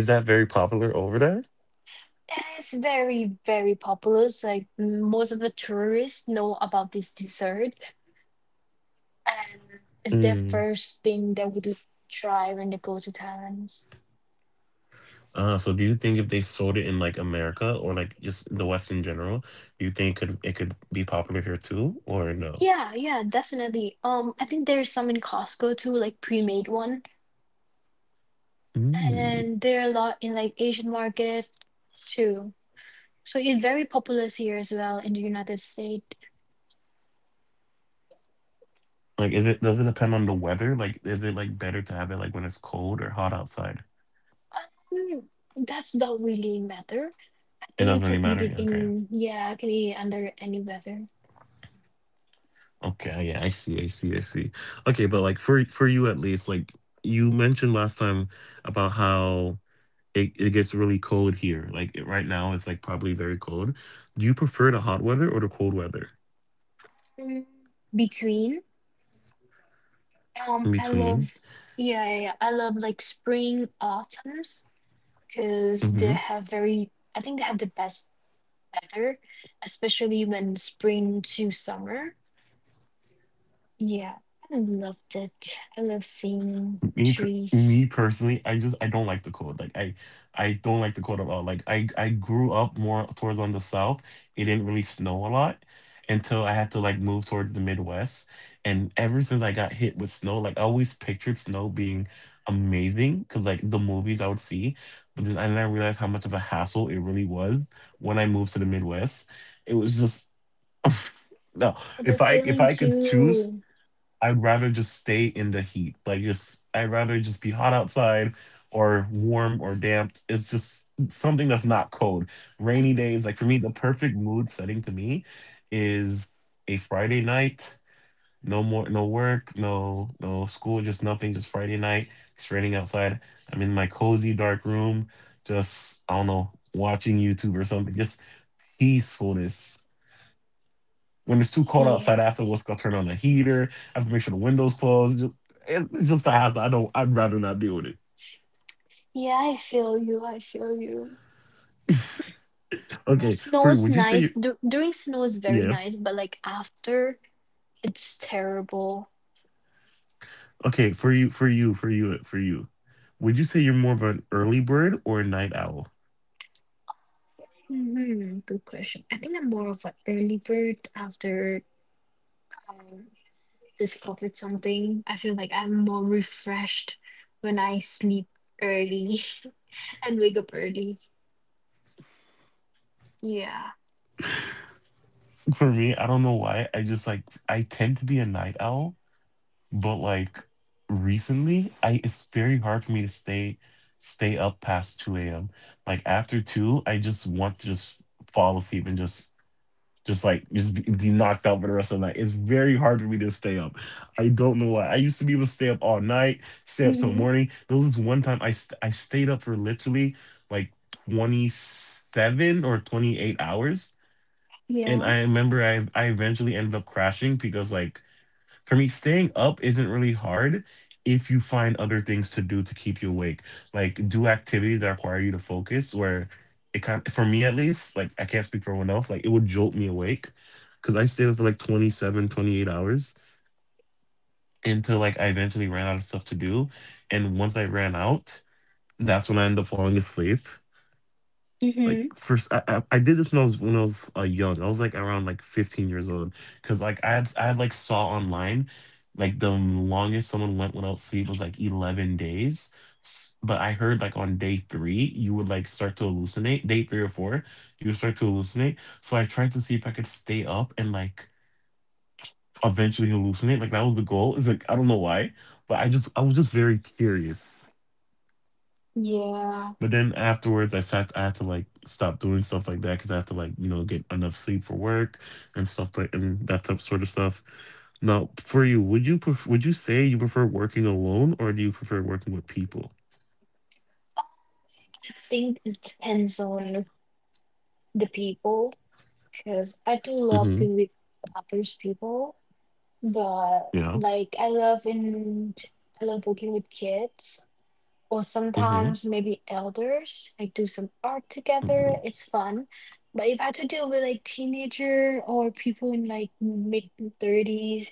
Speaker 2: Is that very popular over there?
Speaker 1: And it's very, very popular. So like most of the tourists know about this dessert and it's their
Speaker 2: Mm.
Speaker 1: first thing they would try when they go to Thailand.
Speaker 2: So do you think if they sold it in like America or like just the West in general, do you think could be popular here too or no?
Speaker 1: Yeah, yeah, definitely. I think there's some in Costco too, like pre-made one.
Speaker 2: Mm.
Speaker 1: And there are a lot in like Asian market too. So it's very populous here as well in the United States.
Speaker 2: Like, is it, does it depend on the weather? Like, is it like better to have it like when it's cold or hot outside?
Speaker 1: Um, that's not really matter. I think
Speaker 2: It
Speaker 1: you can
Speaker 2: doesn't really
Speaker 1: eat it
Speaker 2: matter. Yeah, okay.
Speaker 1: in Yeah, I can eat it under any weather.
Speaker 2: Okay. Yeah, I see. I see. I see. Okay, but like for you at least, like you mentioned last time about how it gets really cold here. Like, it, right now, it's like probably very cold. Do you prefer the hot weather or the cold weather
Speaker 1: Mm, Between
Speaker 2: in
Speaker 1: I love
Speaker 2: between?
Speaker 1: yeah, yeah, yeah, I love like spring autumns because they
Speaker 2: Hmm.
Speaker 1: have very I think they have the best weather, especially when spring to summer. Yeah, I loved it. I love seeing
Speaker 2: Me, per-
Speaker 1: trees.
Speaker 2: me personally, I don't like the cold. Like I don't like the cold at all. Like I grew up more towards on the south. It didn't really snow a lot until I had to like move towards the Midwest. And ever since I got hit with snow, like I always pictured snow being amazing because like the movies I would see, but then I didn't realize how much of a hassle it really was when I moved to the Midwest. It was just no.
Speaker 1: The
Speaker 2: If I
Speaker 1: feeling
Speaker 2: if I could
Speaker 1: too.
Speaker 2: choose, I'd rather just stay in the heat. Like just I'd rather just be hot outside, or warm or damp. It's just something that's not cold. Rainy days, like for me, the perfect mood setting to me is a Friday night. No more, no work, no no school, just nothing, just Friday night. It's raining outside. I'm in my cozy dark room, just I don't know, watching YouTube or something. Just peacefulness. When it's too cold
Speaker 1: Yeah,
Speaker 2: outside afterwards, I'll turn on the heater. I have to make sure the windows closed. Just, it's just a hassle. I don't. I'd rather not deal with it.
Speaker 1: yeah, I feel you. I feel you. Well,
Speaker 2: Okay,
Speaker 1: snow
Speaker 2: for you,
Speaker 1: is
Speaker 2: would you
Speaker 1: nice.
Speaker 2: say?
Speaker 1: During snow is very
Speaker 2: Yeah.
Speaker 1: nice, but like after, it's terrible.
Speaker 2: Okay, for you. Would you say you're more of an early bird or a night owl?
Speaker 1: Hmm. Good question. I think I'm more of an early bird. After I discovered something, I feel like I'm more refreshed when I sleep early and wake up early. Yeah.
Speaker 2: For me, I don't know why. I just, like, I tend to be a night owl, but like recently, I it's very hard for me to stay up past 2 a.m. Like after two, I just want to just fall asleep, and just like just be knocked out for the rest of the night. It's very hard for me to stay up. I don't know why. I used to be able to stay up all night, stay up till
Speaker 1: Hmm.
Speaker 2: morning. There was one time I stayed up for literally like 27 or 28 hours,
Speaker 1: Yeah.
Speaker 2: and I remember I eventually ended up crashing, because like for me, staying up isn't really hard if you find other things to do to keep you awake. Like do activities that require you to focus where it kind, for me at least, like I can't speak for everyone else, like it would jolt me awake cuz I stayed up for like 27, 28 hours until like I eventually ran out of stuff to do, and once I ran out, that's when I ended up falling asleep.
Speaker 1: Mm-hmm.
Speaker 2: Like first, I did this when I was when I was young. I was like around like 15 years old, because like I had like saw online, like the longest someone went without sleep was like 11 days. But I heard like on day three you would like start to hallucinate. Day three or four, you would start to hallucinate. So I tried to see if I could stay up and like eventually hallucinate. Like that was the goal. Is like I don't know why, but I was just very curious.
Speaker 1: Yeah, I
Speaker 2: But then afterwards, I sat. I had to like stop doing stuff like that because I had to like get enough sleep for work and stuff like and that type sort of stuff. Now, for you, would you say you prefer working alone or do you prefer working with people?
Speaker 1: think it depends on the people because I do love
Speaker 2: Mm-hmm.
Speaker 1: being with others people, but
Speaker 2: Yeah.
Speaker 1: I love working with kids. Or
Speaker 2: Mm-hmm.
Speaker 1: sometimes maybe elders, like do some art together.
Speaker 2: Hmm.
Speaker 1: It's fun. But if I had to deal with like teenager or people in like mid thirties,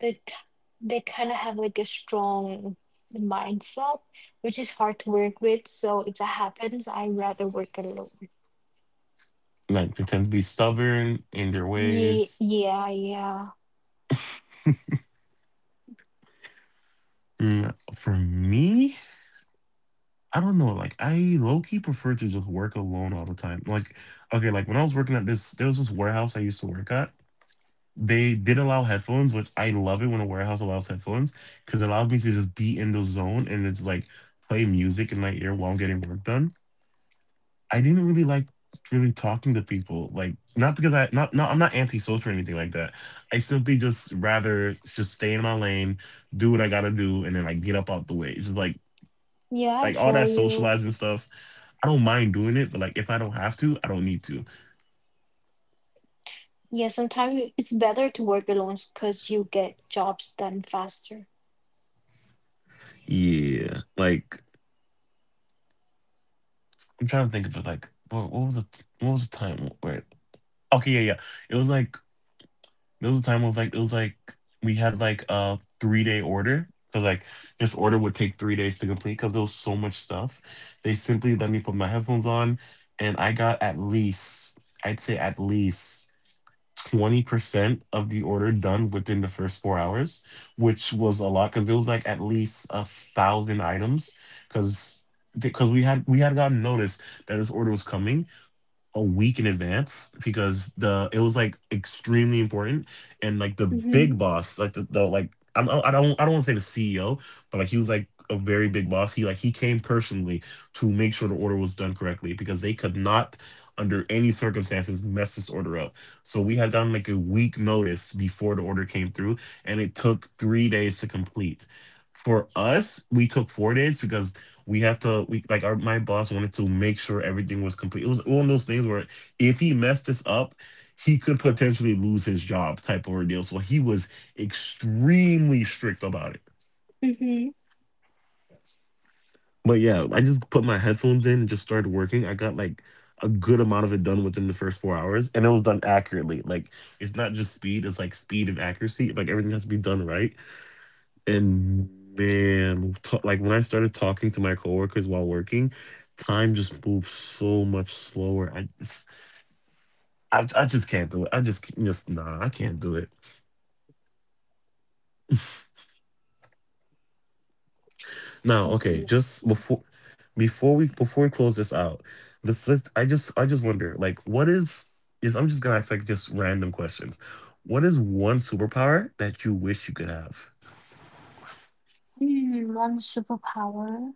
Speaker 1: that they kind of have like a strong mindset, which is hard to work with. So if that happens, I rather work alone.
Speaker 2: Like they tend to be stubborn in their
Speaker 1: Yeah,
Speaker 2: ways.
Speaker 1: yeah, yeah,
Speaker 2: For me, I don't know. Like I low key prefer to just work alone all the time. Like okay, like when I was working at this, there was this warehouse I used to work at. They did allow headphones, which I love it when a warehouse allows headphones because it allows me to just be in the zone, and it's like play music in my ear while I'm getting work done. I didn't really like really talking to people, like not because I'm not antisocial or anything like that. I simply just rather just stay in my lane, do what I gotta do, and then like get up out the way. It's just like
Speaker 1: yeah. I
Speaker 2: like all
Speaker 1: feel
Speaker 2: that
Speaker 1: you.
Speaker 2: socializing stuff. I don't mind doing it, but like if I don't have to, I don't need to.
Speaker 1: Yeah, sometimes it's better to work alone because you get jobs done faster.
Speaker 2: Yeah, like I'm trying to think of it. Like what was the time? Where Okay, yeah, yeah. It was like there was a time it was like we had like a 3-day order because like this order would take 3 days to complete because there was so much stuff. They simply let me put my headphones on, and I got at least I'd say at least 20% of the order done within the first 4 hours, which was a lot because there was like at least 1,000 items because we had gotten notice that this order was coming a week in advance because the it was like extremely important, and like the big
Speaker 1: Mm-hmm.
Speaker 2: boss like the like I don't want to say the CEO, but like he was like a very big boss. He came personally to make sure the order was done correctly because they could not under any circumstances mess this order up. So we had done like a week notice before the order came through, and it took 3 days to complete. For us we took 4 days because we have to we like our my boss wanted to make sure everything was complete. It was one of those things where if he messed this up, he could potentially lose his job type of ordeal. So he was extremely strict about it.
Speaker 1: Mm-hmm.
Speaker 2: But yeah, I just put my headphones in and just started working. I got like a good amount of it done within the first 4 hours, and it was done accurately. Like it's not just speed; it's like speed and accuracy. Like everything has to be done right. And man, like when I started talking to my coworkers while working, time just moves so much slower. I just can't do it. I just, c- just nah, I can't do it.
Speaker 1: I
Speaker 2: Now, okay,
Speaker 1: see. I
Speaker 2: just
Speaker 1: see.
Speaker 2: before, before we close this out, this I just wonder, like, what is I'm just gonna ask like just random questions. What is one superpower that you wish you could have?
Speaker 1: Hmm, one superpower.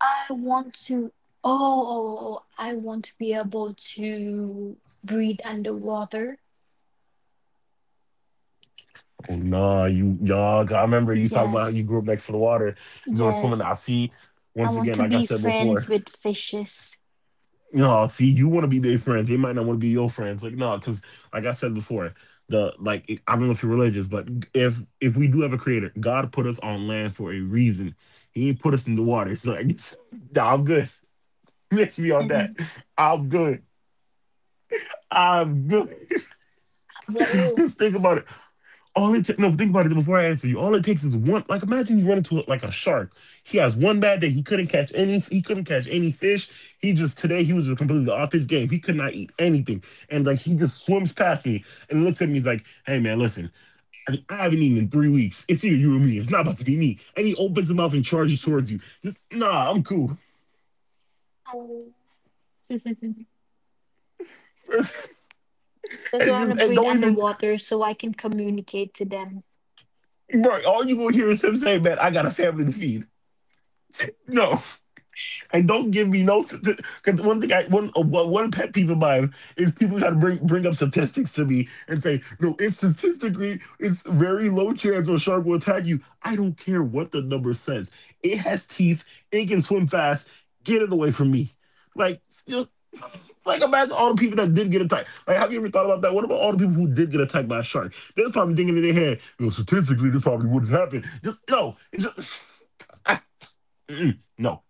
Speaker 1: I want to. Oh, oh, oh, oh, I want to be able to breathe underwater.
Speaker 2: Oh nah, you y'all. I remember you talking about how you
Speaker 1: Yes,
Speaker 2: grew up next to the water. You were swimming.
Speaker 1: yes.
Speaker 2: I see.
Speaker 1: I
Speaker 2: Once
Speaker 1: want
Speaker 2: again,
Speaker 1: to
Speaker 2: like I
Speaker 1: be
Speaker 2: said before,
Speaker 1: friends with fishes.
Speaker 2: see, you want to be their friends. They might not want to be your friends. Like no, because like I said before, I don't know if you're religious, but if we do have a creator, God put us on land for a reason. He ain't put us in the water. So I guess nah, I'm good. Miss me on that.
Speaker 1: Mhm.
Speaker 2: I'm good. I'm good.
Speaker 1: How about you?
Speaker 2: Just think about it. No, think about it before I answer you. All it takes is one. Like imagine you run into like a shark. He has one bad day. He couldn't catch any. He couldn't catch any fish. He just today he was just completely off his game. He could not eat anything, and like he just swims past me and looks at me. He's like, "Hey man, listen, I haven't eaten in 3 weeks. It's either you or me. It's not about to be me." And he opens his mouth and charges towards you. Just nah, I'm cool.
Speaker 1: Um. That's why I want to
Speaker 2: And
Speaker 1: breathe
Speaker 2: don't even,
Speaker 1: underwater so I can communicate to them.
Speaker 2: bro. All you gonna hear is him say, "Man, I got a family to feed." No. And don't give me no, because one thing I one one pet peeve of mine is people try to bring up statistics to me and say no, it's statistically it's very low chance a shark will attack you. I don't care what the number says. It has teeth. It can swim fast. Get it away from me. Like just like imagine all the people that did get attacked. Like have you ever thought about that? What about all the people who did get attacked by a shark? They're probably thinking in their head, no, statistically this probably wouldn't happen. Just no, it's just I, no.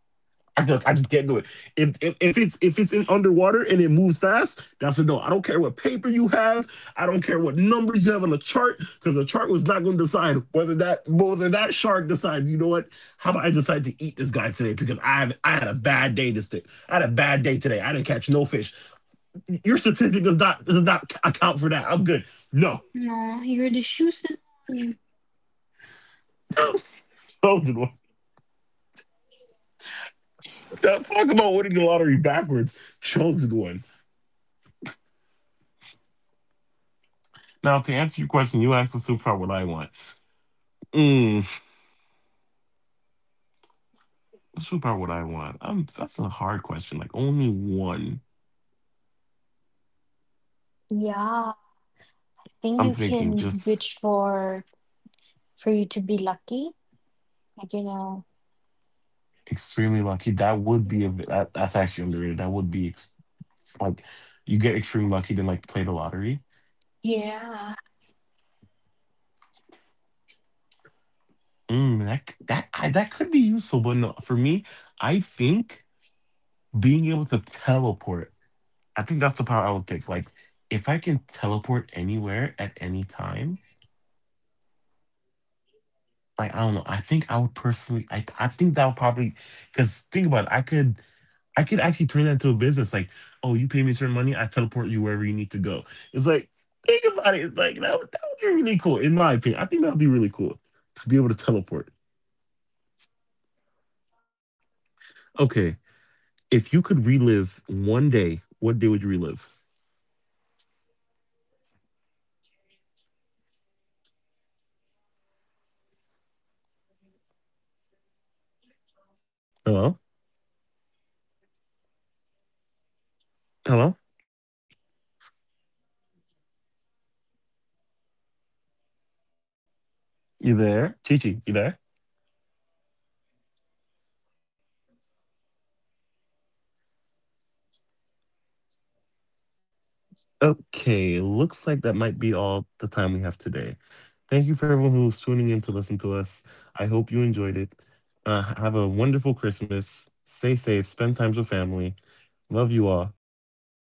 Speaker 2: I just can't do it. If it's in underwater and it moves fast, that's a no. I don't care what paper you have. I don't care what numbers you have on the chart, because the chart was not going to decide whether that shark decides. You know what? How about I decide to eat this guy today? Because I had a bad day this day. I had a bad day today. I didn't catch no fish. Your certificate does not account for that. I'm good. No,
Speaker 1: No, you're the chosen one.
Speaker 2: chosen one. Talk about winning the lottery backwards. Chosen one. Now to answer your question, you asked for superpower. What I want. Mm. What superpower would I want? That's a hard question. Like only one.
Speaker 1: Yeah, I think
Speaker 2: I'm
Speaker 1: you
Speaker 2: thinking
Speaker 1: can
Speaker 2: just
Speaker 1: wish for you to be lucky. Like you know.
Speaker 2: extremely lucky. That's actually underrated. That would be like you get extremely lucky then like play the lottery.
Speaker 1: Yeah.
Speaker 2: Mm, that c- that I, that could be useful, but no, for me, I think being able to teleport. I think that's the power I would pick. Like if I can teleport anywhere at any time. Like I don't know. I think I would personally. I think that would probably, because think about it. I could actually turn that into a business. Like, oh, you pay me certain money, I teleport you wherever you need to go. It's like, think about it. It's like that would be really cool, in my opinion. I think that would be really cool to be able to teleport. Okay, if you could relive one day, what day would you relive? Hello, hello, you there, Chichi? You there? Okay, looks like that might be all the time we have today. Thank you for everyone who was tuning in to listen to us. I hope you enjoyed it. Have a wonderful Christmas. Stay safe. Spend time with family. Love you all. Goodbye.